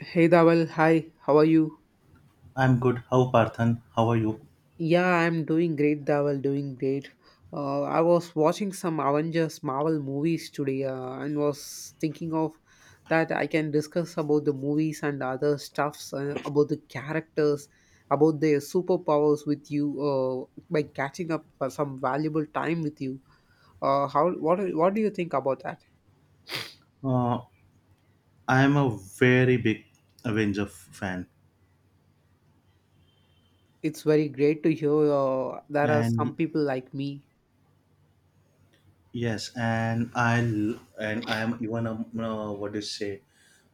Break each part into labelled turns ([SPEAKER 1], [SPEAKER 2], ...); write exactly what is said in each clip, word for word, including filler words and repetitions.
[SPEAKER 1] Hey Dawal, hi, how are you?
[SPEAKER 2] I'm good. How Parthan? How are you?
[SPEAKER 1] Yeah, I'm doing great, Dawal, doing great. Uh, I was watching some Avengers Marvel movies today uh, and was thinking of that I can discuss about the movies and other stuffs, uh, about the characters, about their superpowers with you uh, by catching up for some valuable time with you. Uh, how what what do you think about that?
[SPEAKER 2] Uh, I'm a very big Avenger f- fan,
[SPEAKER 1] It's very great to hear uh, there are
[SPEAKER 2] and
[SPEAKER 1] some
[SPEAKER 2] y-
[SPEAKER 1] people like me.
[SPEAKER 2] yes, and I l- and I'm even a uh, what do you say?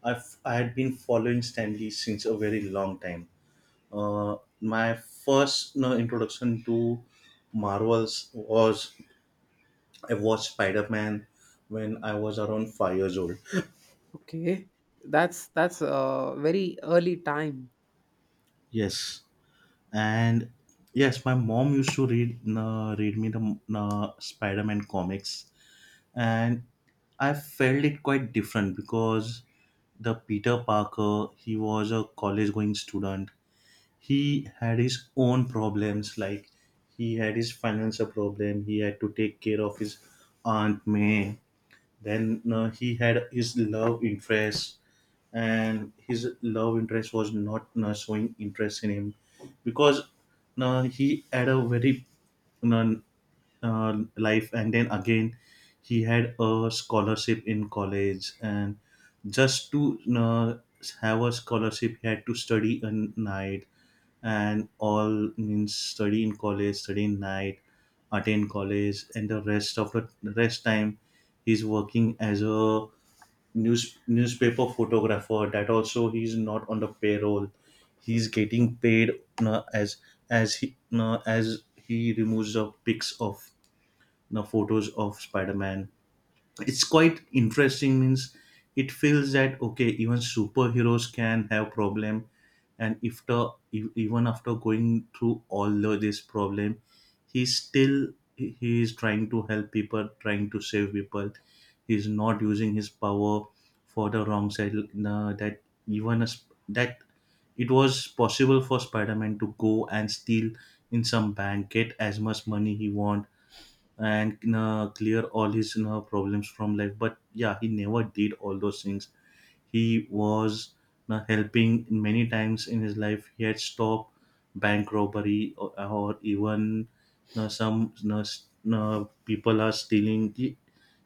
[SPEAKER 2] I've I had been following Stanley since a very long time. Uh, my first no, introduction to Marvels was I watched Spider Man when I was around five years old.
[SPEAKER 1] Okay. That's that's a very early time.
[SPEAKER 2] Yes. And yes, my mom used to read uh, read me the uh, Spider-Man comics, and I felt it quite different because the Peter Parker, he was a college going student. He had his own problems. Like, he had his financial problem, he had to take care of his Aunt May. Then uh, he had his love interest, and his love interest was not uh, showing interest in him because uh, he had a very uh, uh, life. And then again, he had a scholarship in college, and just to uh, have a scholarship, he had to study a night and all. Means study in college, study in night, attend college, and the rest of the rest time he's working as a news newspaper photographer. That also he's not on the payroll, he's getting paid uh, as as he uh, as he removes the pics of the photos of Spider-Man. It's quite interesting. Means it feels that okay, even superheroes can have problem. And if the e- even after going through all of this problem, he's still, he is trying to help people, trying to save people. He's not using his power for the wrong side. No, that even as that, it was possible for Spider-Man to go and steal in some bank, get as much money he want and uh, clear all his you problems from life. But yeah, he never did all those things. He was you helping many times in his life. He had stopped bank robbery or, or even you some you know, s- you people are stealing. he,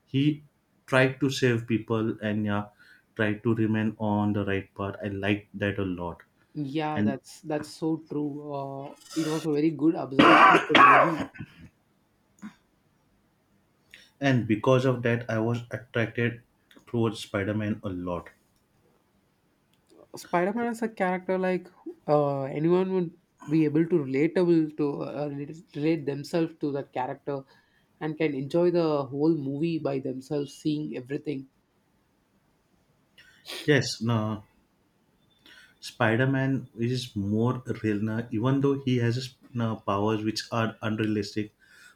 [SPEAKER 2] He tried to save people, and yeah, tried to remain on the right path. I liked that a lot.
[SPEAKER 1] Yeah,
[SPEAKER 2] And
[SPEAKER 1] that's that's so true. Uh, it was a very good observation of the movie.
[SPEAKER 2] and because of that, I was attracted towards Spider-Man a lot.
[SPEAKER 1] Spider-Man is a character like uh, anyone would be able to relatable to uh, relate relate themselves to that character and can enjoy the whole movie by themselves, seeing everything.
[SPEAKER 2] Yes, no, Spider-Man is more real now, even though he has his, uh, powers which are unrealistic.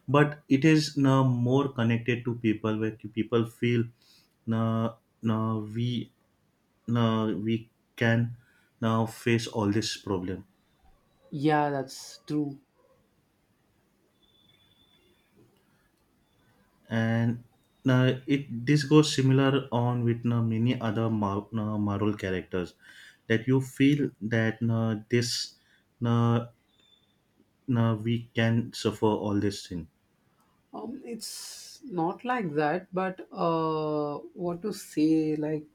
[SPEAKER 2] But it is now more connected to people, where the people feel now now we now we can now face all this problem.
[SPEAKER 1] Yeah, that's true.
[SPEAKER 2] And now it this goes similar on with now many other Mar- now Marvel characters, that you feel that now this now now we can suffer all this thing.
[SPEAKER 1] Um, it's not like that, but uh, what to say? Like,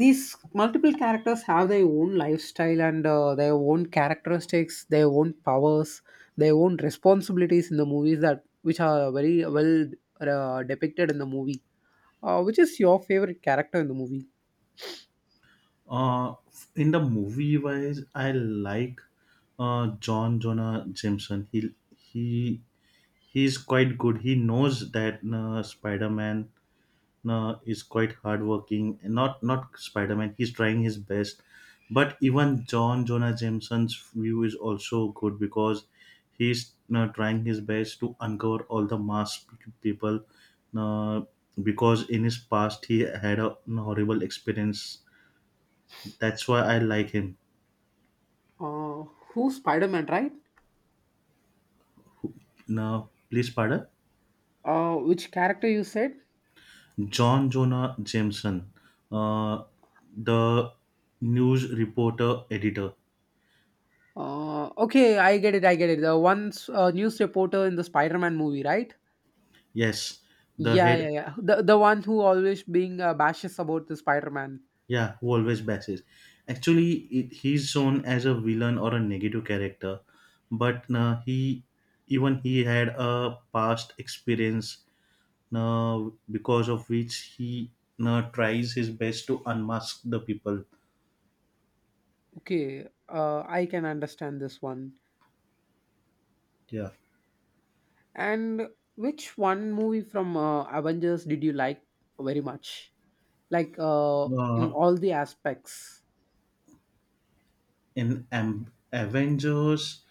[SPEAKER 1] these multiple characters have their own lifestyle and uh, their own characteristics, their own powers, their own responsibilities in the movies that which are very well uh, depicted in the movie. Uh, which is your favorite character in the movie?
[SPEAKER 2] Uh, in the movie wise, I like uh, John Jonah Jameson. He he he's quite good. He knows that uh, Spider Man uh, is quite hardworking. Not not Spider Man. He's trying his best, but even John Jonah Jameson's view is also good, because he's uh, trying his best to uncover all the masked people. Uh, because in his past he had a horrible experience. That's why I like him.
[SPEAKER 1] Uh, who's Spider-Man, right?
[SPEAKER 2] Now, please pardon.
[SPEAKER 1] Uh, which character you said?
[SPEAKER 2] John Jonah Jameson, uh, the news reporter editor.
[SPEAKER 1] Uh, okay, I get it, i get it the one uh, news reporter in the Spider-Man movie, right?
[SPEAKER 2] Yes, the
[SPEAKER 1] yeah yeah
[SPEAKER 2] head.
[SPEAKER 1] yeah the, the one who always being uh, bashes about the Spider-Man.
[SPEAKER 2] Yeah, who always bashes. Actually, it, he's shown as a villain or a negative character, but uh, he even he had a past experience uh, because of which he uh, tries his best to unmask the people.
[SPEAKER 1] Okay, uh, I can understand this one.
[SPEAKER 2] Yeah.
[SPEAKER 1] And which one movie from uh, Avengers did you like very much? Like, uh, in
[SPEAKER 2] Uh,
[SPEAKER 1] all the aspects.
[SPEAKER 2] in Am- Avengers,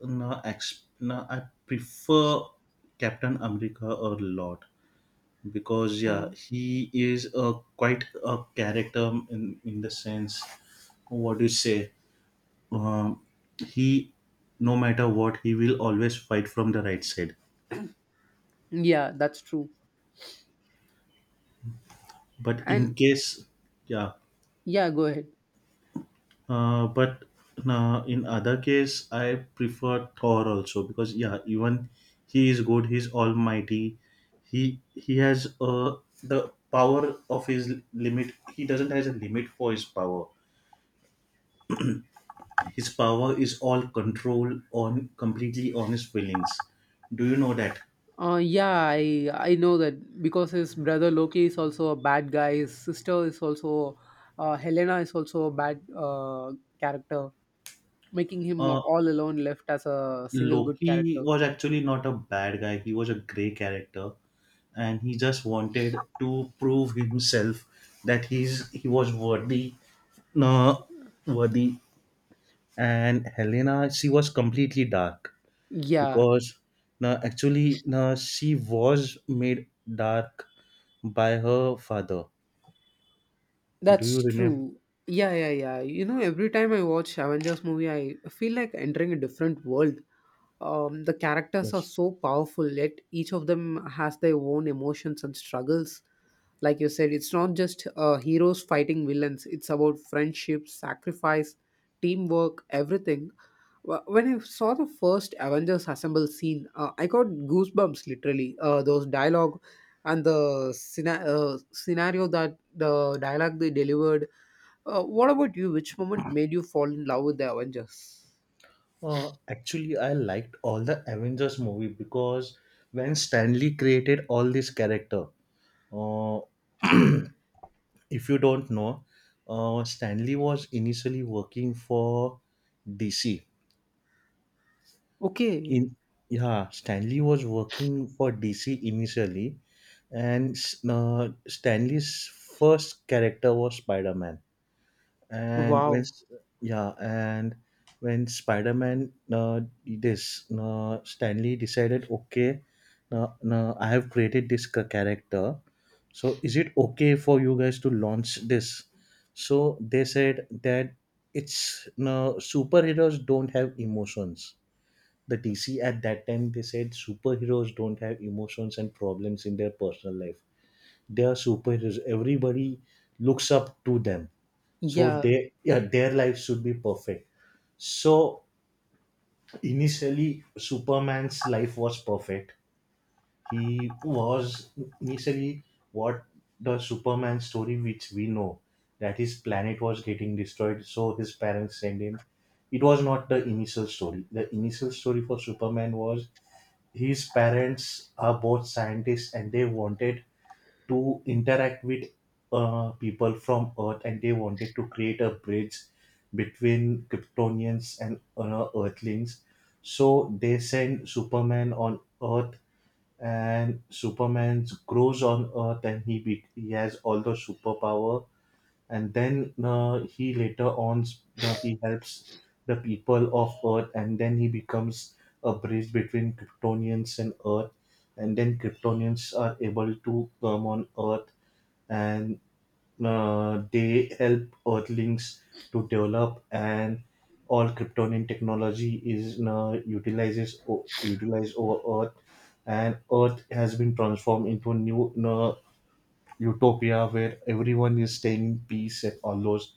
[SPEAKER 2] no, ex- no, I prefer Captain America a lot, because yeah,
[SPEAKER 1] Um,
[SPEAKER 2] he is a quite a character, in in the sense, what do you say, um, he, no matter what, he will always fight from the right side.
[SPEAKER 1] yeah, that's true.
[SPEAKER 2] But in
[SPEAKER 1] And
[SPEAKER 2] case, yeah.
[SPEAKER 1] yeah, go ahead.
[SPEAKER 2] Uh, but uh, in other case, I prefer Thor also, because yeah, even he is good. He's almighty. He he has uh the power of his limit. He doesn't has a limit for his power. His power is all control on completely on his feelings. Do you know that?
[SPEAKER 1] Uh, yeah, I I know that because his brother Loki is also a bad guy. His sister is also, uh, Helena is also a bad uh, character, making him
[SPEAKER 2] Uh,
[SPEAKER 1] all alone left as a single good
[SPEAKER 2] Loki
[SPEAKER 1] character.
[SPEAKER 2] was actually not a bad guy. He was a grey character, and he just wanted to prove himself that he's he was worthy, no, worthy. And Helena, she was completely dark
[SPEAKER 1] Yeah,
[SPEAKER 2] because no, actually no, she was made dark by her father. Do
[SPEAKER 1] that's
[SPEAKER 2] you remember?
[SPEAKER 1] true. Yeah, yeah, yeah. You know, every time I watch Avengers movie, I feel like entering a different world. Um, the characters are
[SPEAKER 2] Yes.
[SPEAKER 1] so powerful, yet each of them has their own emotions and struggles. Like you said, it's not just uh, heroes fighting villains, it's about friendship, sacrifice, teamwork, everything. Wh- when I saw the first Avengers assemble scene, uh, I got goosebumps literally. Uh, those dialogue and the scena- uh, scenario that the dialogue they delivered. Uh, what about you? Which moment made you fall in love with the Avengers?
[SPEAKER 2] Uh, actually, I liked all the Avengers movie because when Stanley created all this character. Uh, if you don't know, uh, Stanley was initially working for D C.
[SPEAKER 1] Okay.
[SPEAKER 2] In yeah, Stanley was working for D C initially, and uh, Stanley's first character was Spider Man. and when
[SPEAKER 1] Wow.
[SPEAKER 2] s- yeah, and when Spider-Man uh, this uh, Stanley decided, okay, uh, uh, I have created this ca- character, so is it okay for you guys to launch this? So they said that it's no, superheroes don't have emotions. The DC at that time, they said superheroes don't have emotions and problems in their personal life. They are superheroes, everybody looks up to them. So
[SPEAKER 1] Yeah,
[SPEAKER 2] they, yeah, their life should be perfect. So initially Superman's life was perfect. He was initially, what, the Superman story which we know, that his planet was getting destroyed, so his parents send him. It was not the initial story. The initial story for Superman was his parents are both scientists, and they wanted to interact with uh, people from Earth, and they wanted to create a bridge between Kryptonians and uh, Earthlings. So they send Superman on Earth, and Superman grows on Earth, and he be- he has all the superpower. And then uh, he later on uh, he helps the people of Earth, and then he becomes a bridge between Kryptonians and Earth, and then Kryptonians are able to come on Earth, and uh, they help Earthlings to develop, and all Kryptonian technology is uh, utilizes o- utilized over Earth, and Earth has been transformed into a new uh, utopia where everyone is staying in peace and all those.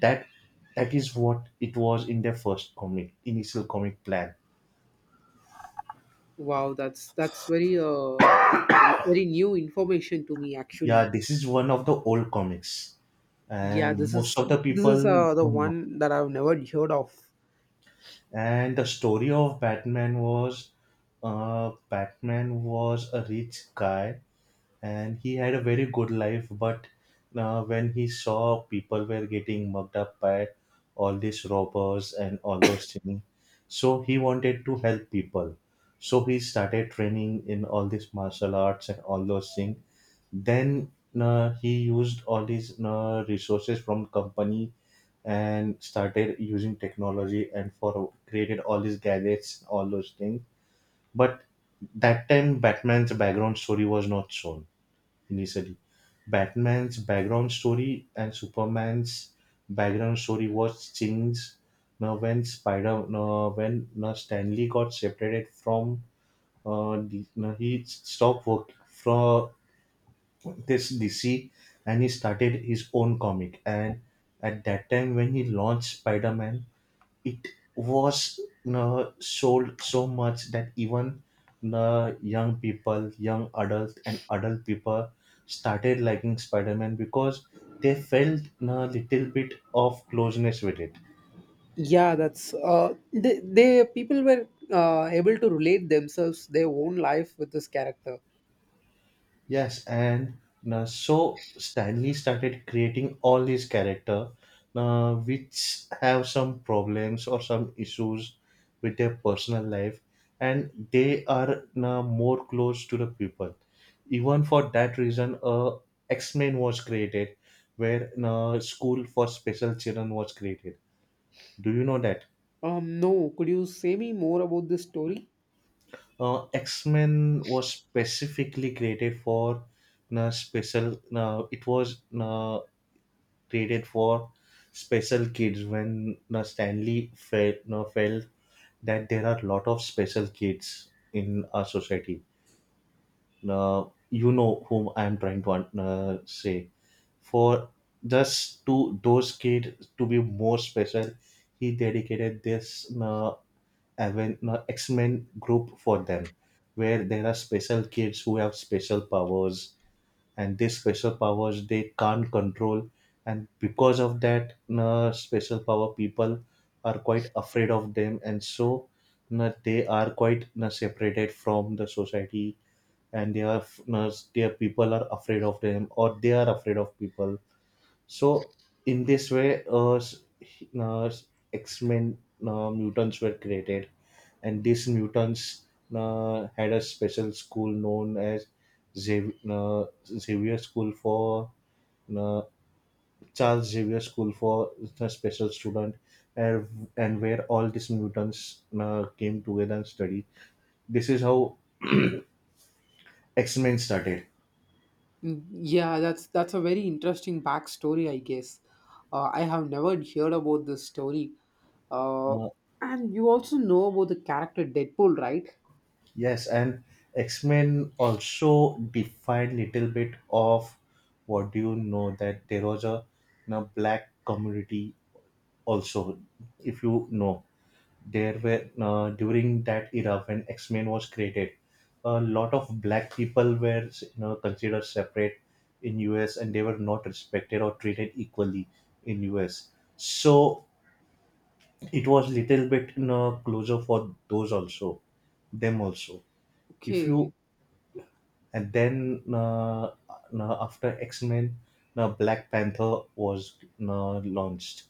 [SPEAKER 2] that that is what it was in their first comic initial comic plan.
[SPEAKER 1] wow, that's that's very uh very new information to me,
[SPEAKER 2] Yeah,
[SPEAKER 1] actually.
[SPEAKER 2] this is one of the old comics,
[SPEAKER 1] Yeah,
[SPEAKER 2] and
[SPEAKER 1] this
[SPEAKER 2] most
[SPEAKER 1] is
[SPEAKER 2] of the
[SPEAKER 1] this
[SPEAKER 2] people
[SPEAKER 1] is uh the
[SPEAKER 2] don't know.
[SPEAKER 1] one that I've never heard of.
[SPEAKER 2] And the story of Batman was uh, Batman was a rich guy, and he had a very good life, but uh, when he saw people were getting mugged up by all these robbers and all those things, so he wanted to help people. So he started training in all these martial arts and all those things. Then uh, he used all these uh, resources from company and started using technology and for created all these gadgets all those things. But that time Batman's background story was not shown initially. Batman's background story and Superman's background story was changed now when Spider now when now Stanley got separated from uh, D, now he stopped work from this D C, and he started his own comic. And at that time when he launched Spider-Man, it was uh, sold so much that even the young people, young adults, and adult people started liking Spider Man because they felt a little bit of closeness with it.
[SPEAKER 1] Yeah, that's uh they, they people were uh able to relate themselves their own life with this character.
[SPEAKER 2] Yes, and uh, so Stanley started creating all these character, uh, which have some problems or some issues with their personal life, and they are uh, more close to the people. Even for that reason, uh, X Men was created, where uh, school for special children was created. Do you know that?
[SPEAKER 1] Um, no, could you say me more about this story?
[SPEAKER 2] Uh, X Men was specifically created for uh, special. Uh, it was. Uh, created for special kids, when uh, Stanley felt, uh, felt that there are a lot of special kids in our society. Uh, you know whom I am trying to uh, say. For just to those kids to be more special, he dedicated this uh, Aven- uh, X Men group for them, where there are special kids who have special powers, and these special powers they can't control. And because of that uh, special power, people are quite afraid of them, and so uh, they are quite uh, separated from the society, and they are uh, their people are afraid of them or they are afraid of people. So in this way, uh, s- uh, X Men uh, mutants were created, and these mutants uh, had a special school known as Xav- uh, Xavier School for uh, Charles Xavier School for the special student, and, and where all these mutants uh, came together and studied. This is how X Men started.
[SPEAKER 1] Mm, yeah, that's that's a very interesting backstory, I guess. Uh, I have never heard about this story. Uh,
[SPEAKER 2] Uh,
[SPEAKER 1] and you also know about the character Deadpool, right?
[SPEAKER 2] Yes, and X-Men also defined little bit of, what do you know, that there was a, a black community also. If you know, there were uh, during that era when X-Men was created, a lot of black people were you know, considered separate in U S, and they were not respected or treated equally in U S. So it was little bit you know, closer for those also, them also if you.
[SPEAKER 1] Okay.
[SPEAKER 2] And then uh, uh, after X Men, uh, Black Panther was uh, launched,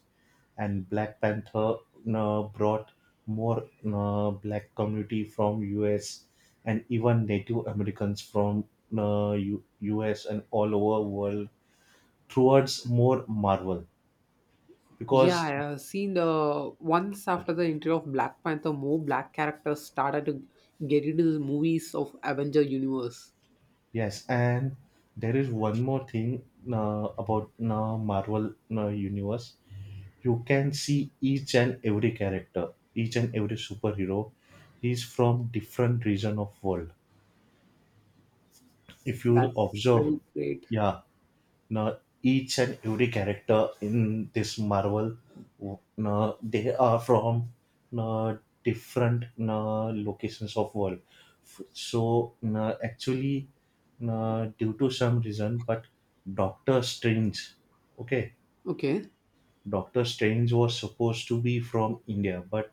[SPEAKER 2] and Black Panther uh, brought more uh, black community from U S and even Native Americans from uh, U- U.S. And all over world towards more Marvel
[SPEAKER 1] Yeah, I
[SPEAKER 2] because
[SPEAKER 1] have seen the once after the entry of Black Panther, more black characters started to get into the movies of Avenger universe.
[SPEAKER 2] yes, and there is one more thing uh, about uh, Marvel uh, universe. You can see each and every character, each and every superhero, he's from different region of world if you will
[SPEAKER 1] That's
[SPEAKER 2] observe.
[SPEAKER 1] very great.
[SPEAKER 2] Yeah, now each and every character in this Marvel, now they are from, now different now locations of world. F- so now actually, now due to some reason, but Doctor Strange, okay.
[SPEAKER 1] Okay.
[SPEAKER 2] Doctor Strange was supposed to be from India, but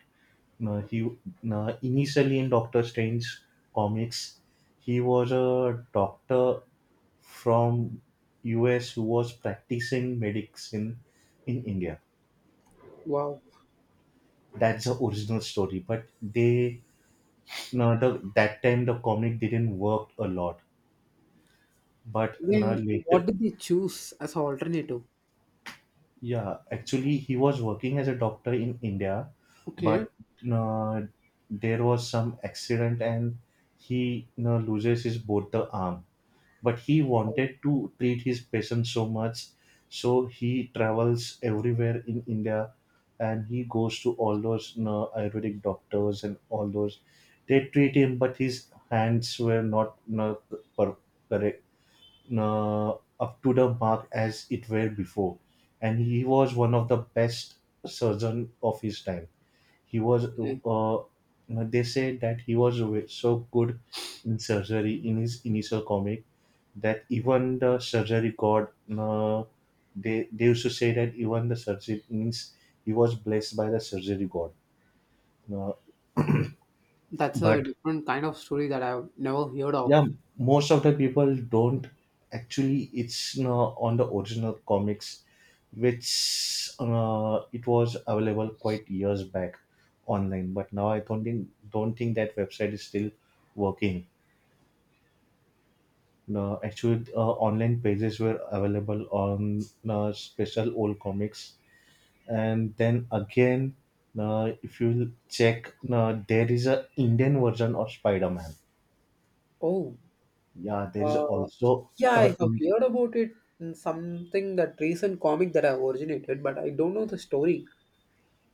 [SPEAKER 2] uh, he, uh, initially in Doctor Strange comics, he was a doctor from U S who was practicing medicine in India.
[SPEAKER 1] Wow.
[SPEAKER 2] That's the original story, but they no, the, that time the comic didn't work a lot. But no,
[SPEAKER 1] Then what
[SPEAKER 2] later.
[SPEAKER 1] did they choose as an alternative?
[SPEAKER 2] Yeah, actually, he was working as a doctor in India,
[SPEAKER 1] Okay.
[SPEAKER 2] but uh, there was some accident and he you know, loses his both the arm. But he wanted to treat his patient so much, so he travels everywhere in India, and he goes to all those you know, Ayurvedic doctors and all those. They treat him, but his hands were not you know, per- correct, uh, up to the mark as it were before, and he was one of the best surgeon of his time. He was
[SPEAKER 1] Okay.
[SPEAKER 2] uh, uh, they said that he was so good in surgery in his initial comic that even the surgery god, uh, they they used to say that even the surgery means he was blessed by the surgery god. Uh,
[SPEAKER 1] That's a
[SPEAKER 2] but
[SPEAKER 1] different kind of story that I've never heard of.
[SPEAKER 2] yeah, most of the people don't actually, it's you know, on the original comics which uh, it was available quite years back online, but now I don't think don't think that website is still working. No actually, uh, online pages were available on uh, special old comics. And then again, uh, if you check, uh, there is a Indian version of Spider-Man.
[SPEAKER 1] Oh.
[SPEAKER 2] Yeah, there is
[SPEAKER 1] Uh,
[SPEAKER 2] also
[SPEAKER 1] yeah, I
[SPEAKER 2] a
[SPEAKER 1] have heard about it in something that recent comic that I originated, but I don't know the story.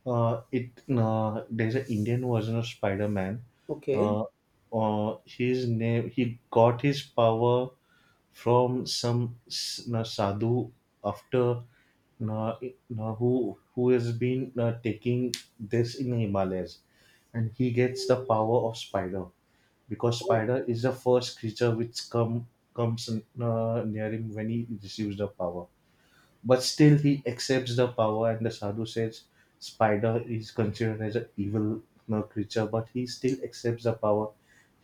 [SPEAKER 2] Uh, it uh, there's an Indian version of Spider-Man.
[SPEAKER 1] Okay.
[SPEAKER 2] Uh, uh, his name, he got his power from some s- uh, sadhu after uh, uh, who who has been uh, taking this in the Himalayas, and he gets the power of spider because spider is the first creature which come comes uh, near him when he receives the power. But still, he accepts the power, and the sadhu says spider is considered as an evil you know, creature, but he still accepts the power.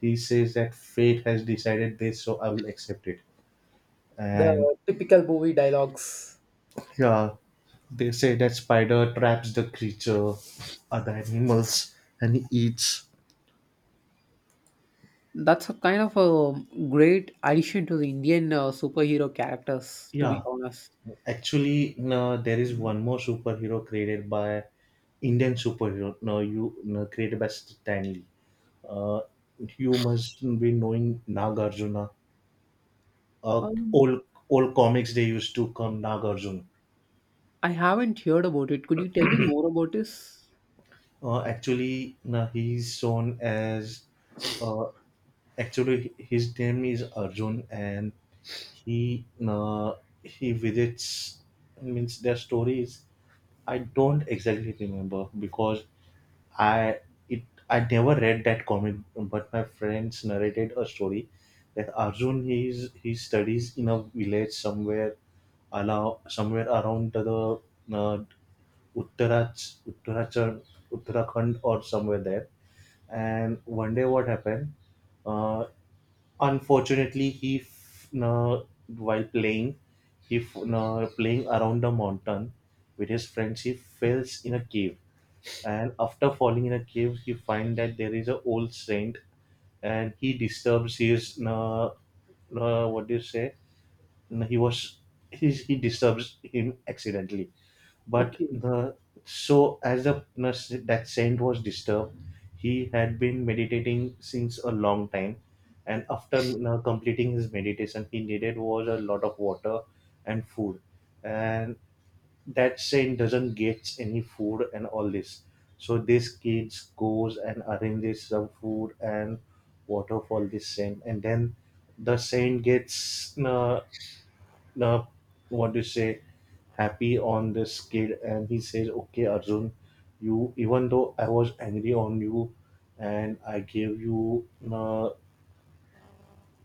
[SPEAKER 2] He says that fate has decided this, so I will accept it. And
[SPEAKER 1] The typical movie dialogues.
[SPEAKER 2] yeah, they say that spider traps the creature, other animals, and he eats.
[SPEAKER 1] That's a kind of a great addition to the Indian uh, superhero characters, to be
[SPEAKER 2] Yeah,
[SPEAKER 1] honest.
[SPEAKER 2] actually, no, there is one more superhero created by Indian superhero. No, you no, created by Stan Lee. Uh, you must be knowing Nagarjuna. Uh,
[SPEAKER 1] Um,
[SPEAKER 2] old old comics they used to come Nagarjun.
[SPEAKER 1] I haven't heard about it. Could you tell me more about this?
[SPEAKER 2] Uh, actually, na he's shown as uh, actually his name is Arjun, and he uh, he visits means their stories. I don't exactly remember because I it I never read that comic, but my friends narrated a story that Arjun, he's he studies in a village somewhere, allow somewhere around the, the uh, Uttarach, Uttarachal, Uttarakhand or somewhere there. And one day, what happened? Uh, unfortunately, he f- na- while playing, he f- na- playing around the mountain with his friends, he falls in a cave. And after falling in a cave, he finds that there is an old saint, and he disturbs his na. uh, what do you say? No, he was, he, he disturbs him accidentally, but
[SPEAKER 1] Okay.
[SPEAKER 2] the so as the nurse, that saint was disturbed. He had been meditating since a long time, and after uh, completing his meditation he needed was a lot of water and food, and that saint doesn't get any food and all this. So this kids goes and arranges some food and water for this saint, and then the saint gets uh, uh, what do you say, happy on this kid, and he says, "Okay, Arjun, you even though I was angry on you, and I gave you uh,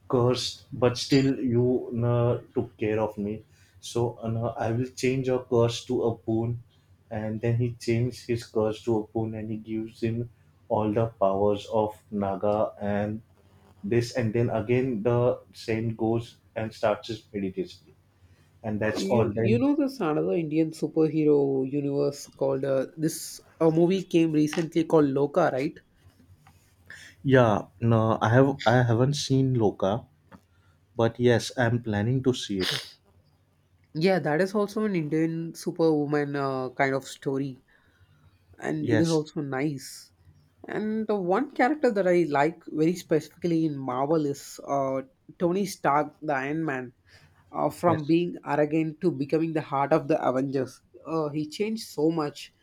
[SPEAKER 2] curse, but still you uh, took care of me. So uh, I will change your curse to a boon." And then he changed his curse to a boon, and he gives him all the powers of Naga and this, and then again the saint goes and starts his meditation, and
[SPEAKER 1] Uh,
[SPEAKER 2] that's
[SPEAKER 1] you
[SPEAKER 2] all.
[SPEAKER 1] you
[SPEAKER 2] Then
[SPEAKER 1] know there's another Indian superhero universe called, uh, this a movie came recently called Loka, right?
[SPEAKER 2] yeah, no, I have I haven't seen Loka, but yes, I'm planning to see it.
[SPEAKER 1] Yeah, that is also an Indian superwoman uh, kind of story. And it is
[SPEAKER 2] Yes,
[SPEAKER 1] also nice. And the one character that I like very specifically in Marvel is, uh, Tony Stark, the Iron Man. Uh, from
[SPEAKER 2] yes,
[SPEAKER 1] being arrogant to becoming the heart of the Avengers, uh, he changed so much.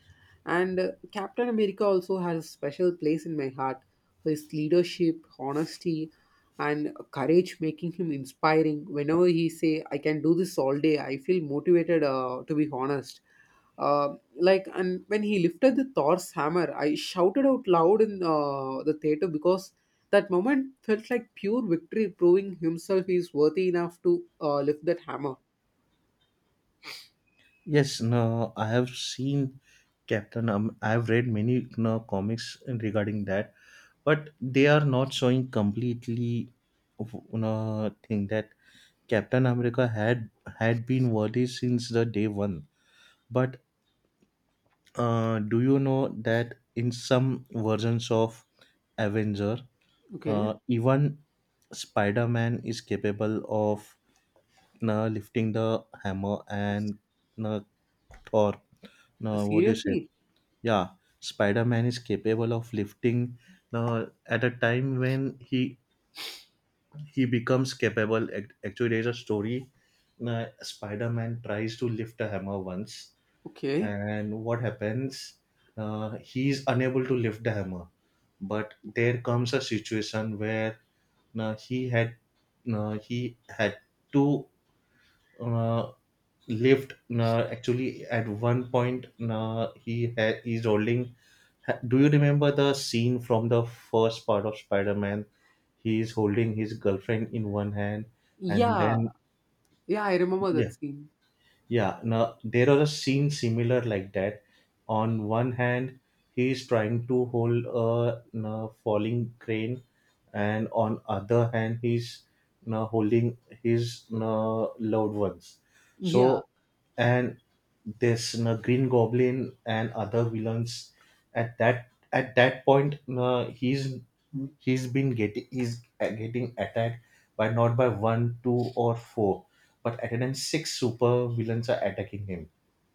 [SPEAKER 1] And uh, Captain America also has a special place in my heart. His leadership, honesty, and courage making him inspiring. Whenever he say, "I can do this all day," I feel motivated. Uh, to be honest, uh, like, and when he lifted the Thor's hammer, I shouted out loud in uh, the theater because that moment felt like pure victory, proving himself is worthy enough to uh, lift that hammer.
[SPEAKER 2] yes. No, I have seen Captain. Um, I have read many no, comics regarding that, but they are not showing completely. No, thing that Captain America had had been worthy since the day one. But uh, do you know that in some versions of Avenger, Uh,
[SPEAKER 1] Okay.
[SPEAKER 2] even Spider Man is capable of uh, lifting the hammer and uh, Thor. Uh, what do you say?
[SPEAKER 1] Seriously?
[SPEAKER 2] Yeah, Spider Man is capable of lifting uh, at a time when he he becomes capable. Ac- Actually, there's a story. Uh, Spider Man tries to lift a hammer once,
[SPEAKER 1] Okay.
[SPEAKER 2] and what happens, uh, he's unable to lift the hammer, but there comes a situation where uh, he had uh, he had to uh, lift, uh, actually at one point uh, he ha- he's holding ha- do you remember the scene from the first part of Spider-Man, he is holding his girlfriend in one hand and
[SPEAKER 1] Yeah.
[SPEAKER 2] then
[SPEAKER 1] Yeah, I remember
[SPEAKER 2] yeah.
[SPEAKER 1] that scene.
[SPEAKER 2] Yeah, now there are a scene similar like that. On one hand, he is trying to hold a you know, falling crane, and on other hand, he's you know, holding his you know, loved ones.
[SPEAKER 1] Yeah.
[SPEAKER 2] So, and this you know, Green Goblin and other villains at that at that point, you know, he's he's been getting he's getting attacked by not by one, two, or four, but at times six super villains are attacking him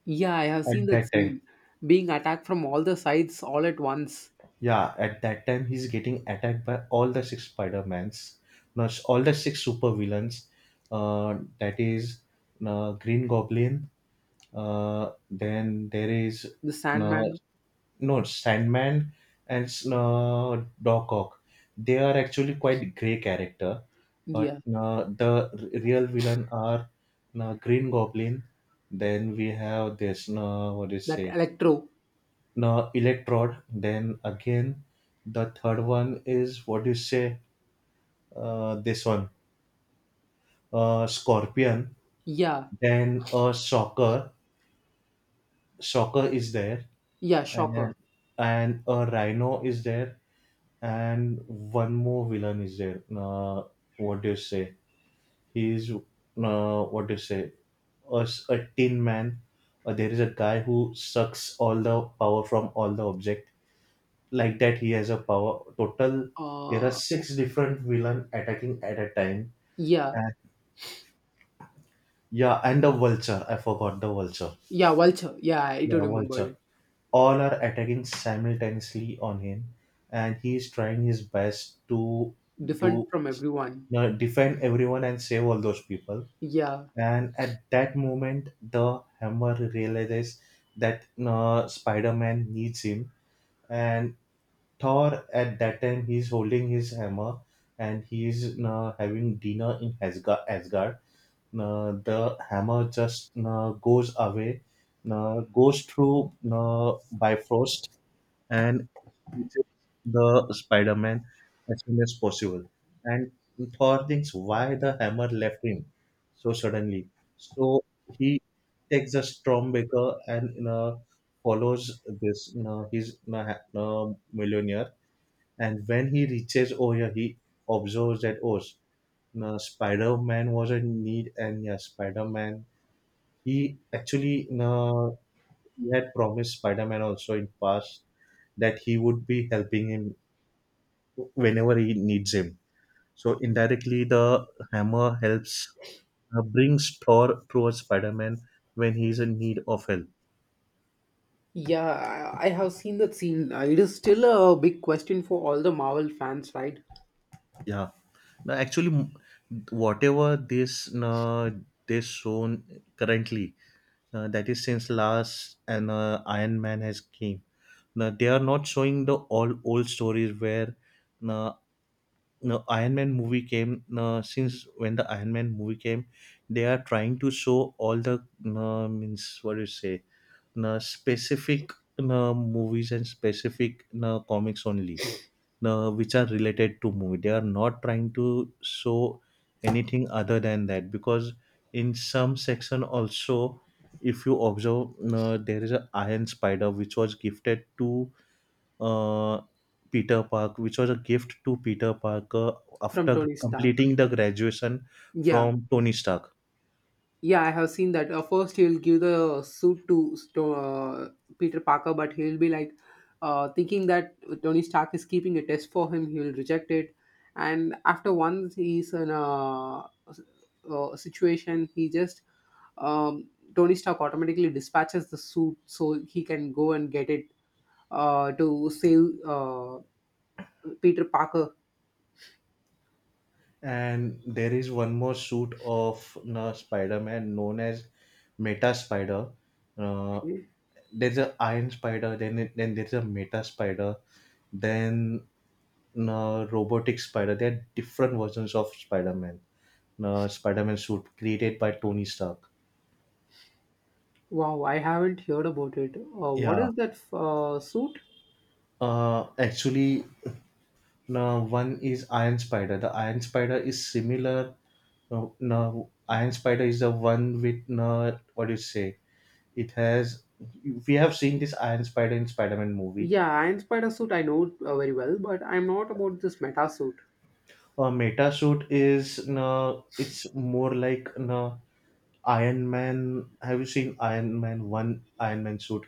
[SPEAKER 1] Yeah, I have seen
[SPEAKER 2] at
[SPEAKER 1] that
[SPEAKER 2] that time.
[SPEAKER 1] scene. Being attacked from all the sides all at once.
[SPEAKER 2] Yeah, at that time he's getting attacked by all the six Spider-Mans, no, s- all the six super villains. Uh, that is uh, Green Goblin. Uh, then there is
[SPEAKER 1] The
[SPEAKER 2] uh,
[SPEAKER 1] Sandman.
[SPEAKER 2] no Sandman and uh, Doc Ock. They are actually quite grey character, but
[SPEAKER 1] Yeah.
[SPEAKER 2] uh, the r- real villain are uh, Green Goblin. Then we have this, uh, what do you
[SPEAKER 1] That
[SPEAKER 2] say?
[SPEAKER 1] Electro.
[SPEAKER 2] No Electrode. Then again, the third one is what do you say? Uh, this one, uh, Scorpion.
[SPEAKER 1] Yeah.
[SPEAKER 2] Then a Shocker. Shocker is there,
[SPEAKER 1] Yeah, Shocker.
[SPEAKER 2] and and a Rhino is there. And one more villain is there. Uh, what do you say? He is, uh, what do you say? A, s- a tin man. Uh, there is a guy who sucks all the power from all the object. Like that, he has a power. Total, there are
[SPEAKER 1] uh
[SPEAKER 2] six different villain attacking at a time.
[SPEAKER 1] yeah.
[SPEAKER 2] And yeah, and the vulture. I forgot the vulture.
[SPEAKER 1] Yeah, Vulture. Yeah, I do
[SPEAKER 2] Yeah,
[SPEAKER 1] remember.
[SPEAKER 2] vulture. All are attacking simultaneously on him, and he is trying his best to
[SPEAKER 1] Different
[SPEAKER 2] do,
[SPEAKER 1] from everyone.
[SPEAKER 2] uh, defend everyone and save all those people.
[SPEAKER 1] Yeah,
[SPEAKER 2] And at that moment, the hammer realizes that uh, Spider-Man needs him, and Thor at that time, he's holding his hammer and he's uh, having dinner in Asgard. Asgard. Uh, the hammer just uh, goes away, uh, goes through uh, Bifrost, and reaches the Spider-Man as soon as possible. And Thor thinks why the hammer left him so suddenly. So he takes a Stormbreaker and you know, follows this you know, his you know, ha- you know, millionaire. And when he reaches over here, he observes that oh, you know, Spider-Man was in need, and yeah, Spider-Man, he actually you know, he had promised Spider-Man also in past that he would be helping him whenever he needs him. So indirectly, the hammer helps, uh, brings Thor towards Spider-Man when he's in need of help.
[SPEAKER 1] yeah, I, I have seen that scene. Uh, It is still a big question for all the Marvel fans, right?
[SPEAKER 2] Yeah. No, actually, m- whatever this uh, this shown currently, uh, that is since last and uh, Iron Man has came. Now they are not showing the all old stories where uh, no Iron Man movie came. Uh, since when the Iron Man movie came, they are trying to show all the uh, means what do you say na specific na movies and specific na comics only na which are related to movie. They are not trying to show anything other than that because in some section also, if you observe na, there is a iron spider which was gifted to uh, peter park, which was a gift to Peter Parker
[SPEAKER 1] From
[SPEAKER 2] after
[SPEAKER 1] Tony Stark.
[SPEAKER 2] completing the graduation
[SPEAKER 1] Yeah,
[SPEAKER 2] from Tony Stark.
[SPEAKER 1] yeah, I have seen that. Uh, first, he'll give the suit to Sto- uh, Peter Parker, but he'll be like uh, thinking that Tony Stark is keeping a test for him. He'll reject it, and after once he's in a, uh situation, he just um, Tony Stark automatically dispatches the suit so he can go and get it uh, to save uh, Peter Parker.
[SPEAKER 2] And there is one more suit of uh, Spider-Man known as Meta Spider. Uh,
[SPEAKER 1] Okay.
[SPEAKER 2] there's a Iron Spider, then it- then there's a Meta Spider, then uh, Robotic Spider. There are different versions of Spider-Man. Uh, Spider-Man suit created by Tony Stark.
[SPEAKER 1] Wow, I haven't heard about it. Uh, what
[SPEAKER 2] Yeah.
[SPEAKER 1] is that uh, suit?
[SPEAKER 2] Uh, actually, uh, one is Iron Spider. The Iron Spider is similar. No, no, Iron Spider is the one with no, what do you say? It has, we have seen this Iron Spider in Spider-Man movie.
[SPEAKER 1] Yeah, and Spider Suit I know uh, very well, but I'm not about this Meta Suit.
[SPEAKER 2] A meta suit is no, it's more like no Iron Man. Have you seen Iron Man, one Iron Man suit?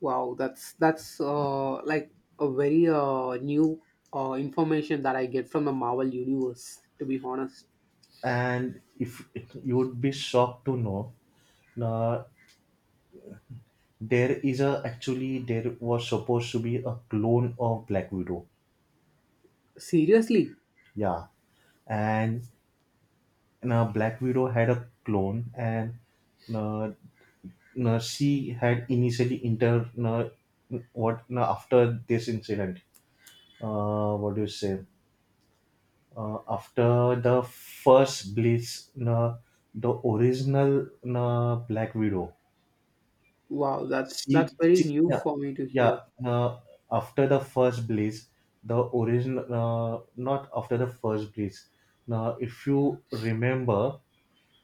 [SPEAKER 1] Wow, that's that's uh, like a very uh, new uh, information that I get from the Marvel Universe, to be honest.
[SPEAKER 2] And if you would be shocked to know, no, there is a actually there was supposed to be a clone of Black Widow.
[SPEAKER 1] Seriously?
[SPEAKER 2] Yeah, and now Black Widow had a clone, and uh, no, she had initially entered no, what no, after this incident. Uh, what do you say? Uh, after the first Blitz, no, the original no, Black Widow.
[SPEAKER 1] Wow, that's that's
[SPEAKER 2] She,
[SPEAKER 1] very
[SPEAKER 2] she
[SPEAKER 1] new
[SPEAKER 2] yeah,
[SPEAKER 1] for me to
[SPEAKER 2] yeah.
[SPEAKER 1] hear.
[SPEAKER 2] No, after the first Blitz, the original uh, not after the first Blitz. Now, if you remember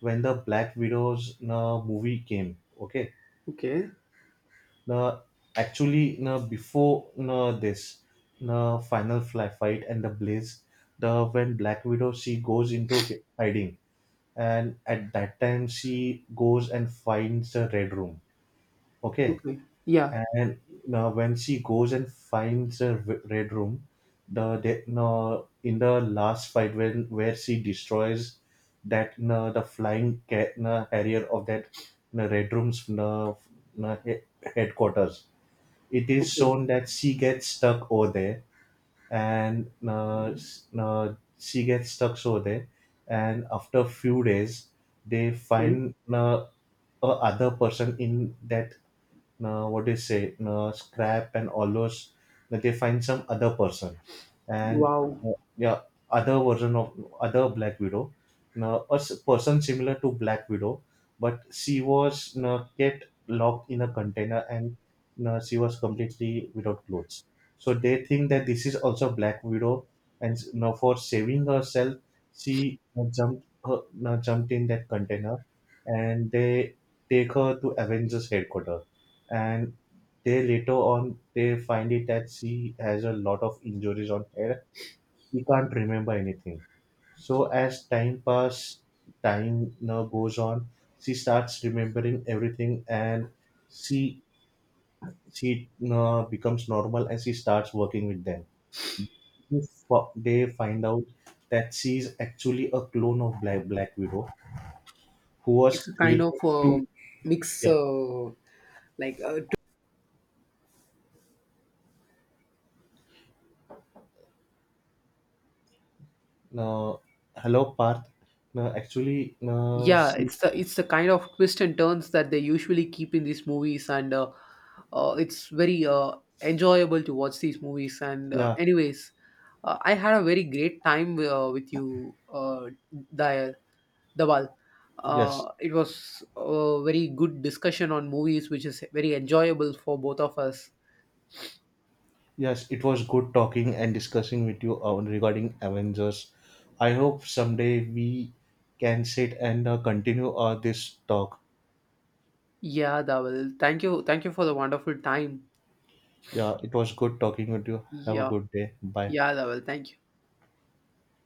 [SPEAKER 2] when the Black Widow's no, movie came, okay.
[SPEAKER 1] Okay,
[SPEAKER 2] Now, actually, now before now this, now final fly fight and the blaze, the when Black Widow, she goes into hi- hiding, and at that time she goes and finds the red room. Okay,
[SPEAKER 1] okay, yeah,
[SPEAKER 2] and now when she goes and finds the w- red room, the de- now in the last fight when where she destroys that now the flying ca- now, harrier of that now, red room's now, now, he- headquarters, it is
[SPEAKER 1] okay,
[SPEAKER 2] shown that she gets stuck over there and uh, s- uh, she gets stuck over there and after few days they
[SPEAKER 1] okay.
[SPEAKER 2] find uh, a other person in that uh, what do you say, uh, scrap and all those, that they find some other person. And
[SPEAKER 1] Wow,
[SPEAKER 2] uh, yeah, other version of other Black Widow, now a s- person similar to Black Widow, but she was uh, kept locked in a container and uh, she was completely without clothes. So they think that this is also Black Widow, and s- now for saving herself, she uh, jumped her, uh, jumped in that container, and they take her to Avengers headquarters. And they later on they find it that she has a lot of injuries on her. She can't remember anything. So as time pass, time now goes on. She starts remembering everything, and she she uh, becomes normal, and she starts working with them. Fo- They find out that she is actually a clone of Black Black Widow, who
[SPEAKER 1] it's
[SPEAKER 2] was
[SPEAKER 1] a kind of
[SPEAKER 2] created
[SPEAKER 1] uh,
[SPEAKER 2] to
[SPEAKER 1] mix,
[SPEAKER 2] yeah.
[SPEAKER 1] uh, like uh,
[SPEAKER 2] Uh, hello, Parth. No, actually, no,
[SPEAKER 1] Yeah,
[SPEAKER 2] she
[SPEAKER 1] it's the it's the kind of twists and turns that they usually keep in these movies, and uh, uh, it's very uh, enjoyable to watch these movies. And uh,
[SPEAKER 2] yeah.
[SPEAKER 1] anyways, uh, I had a very great time uh, with you, uh, Dayal, Dawal.
[SPEAKER 2] Yes,
[SPEAKER 1] Uh, it was a very good discussion on movies, which is very enjoyable for both of us.
[SPEAKER 2] yes, it was good talking and discussing with you on regarding Avengers. I hope someday we can sit and uh, continue uh, this talk.
[SPEAKER 1] Yeah, Dawal. Thank you, thank you for the wonderful time.
[SPEAKER 2] Yeah, it was good talking with you. Have a
[SPEAKER 1] Yeah,
[SPEAKER 2] good day. Bye.
[SPEAKER 1] yeah, Dawal. Thank you.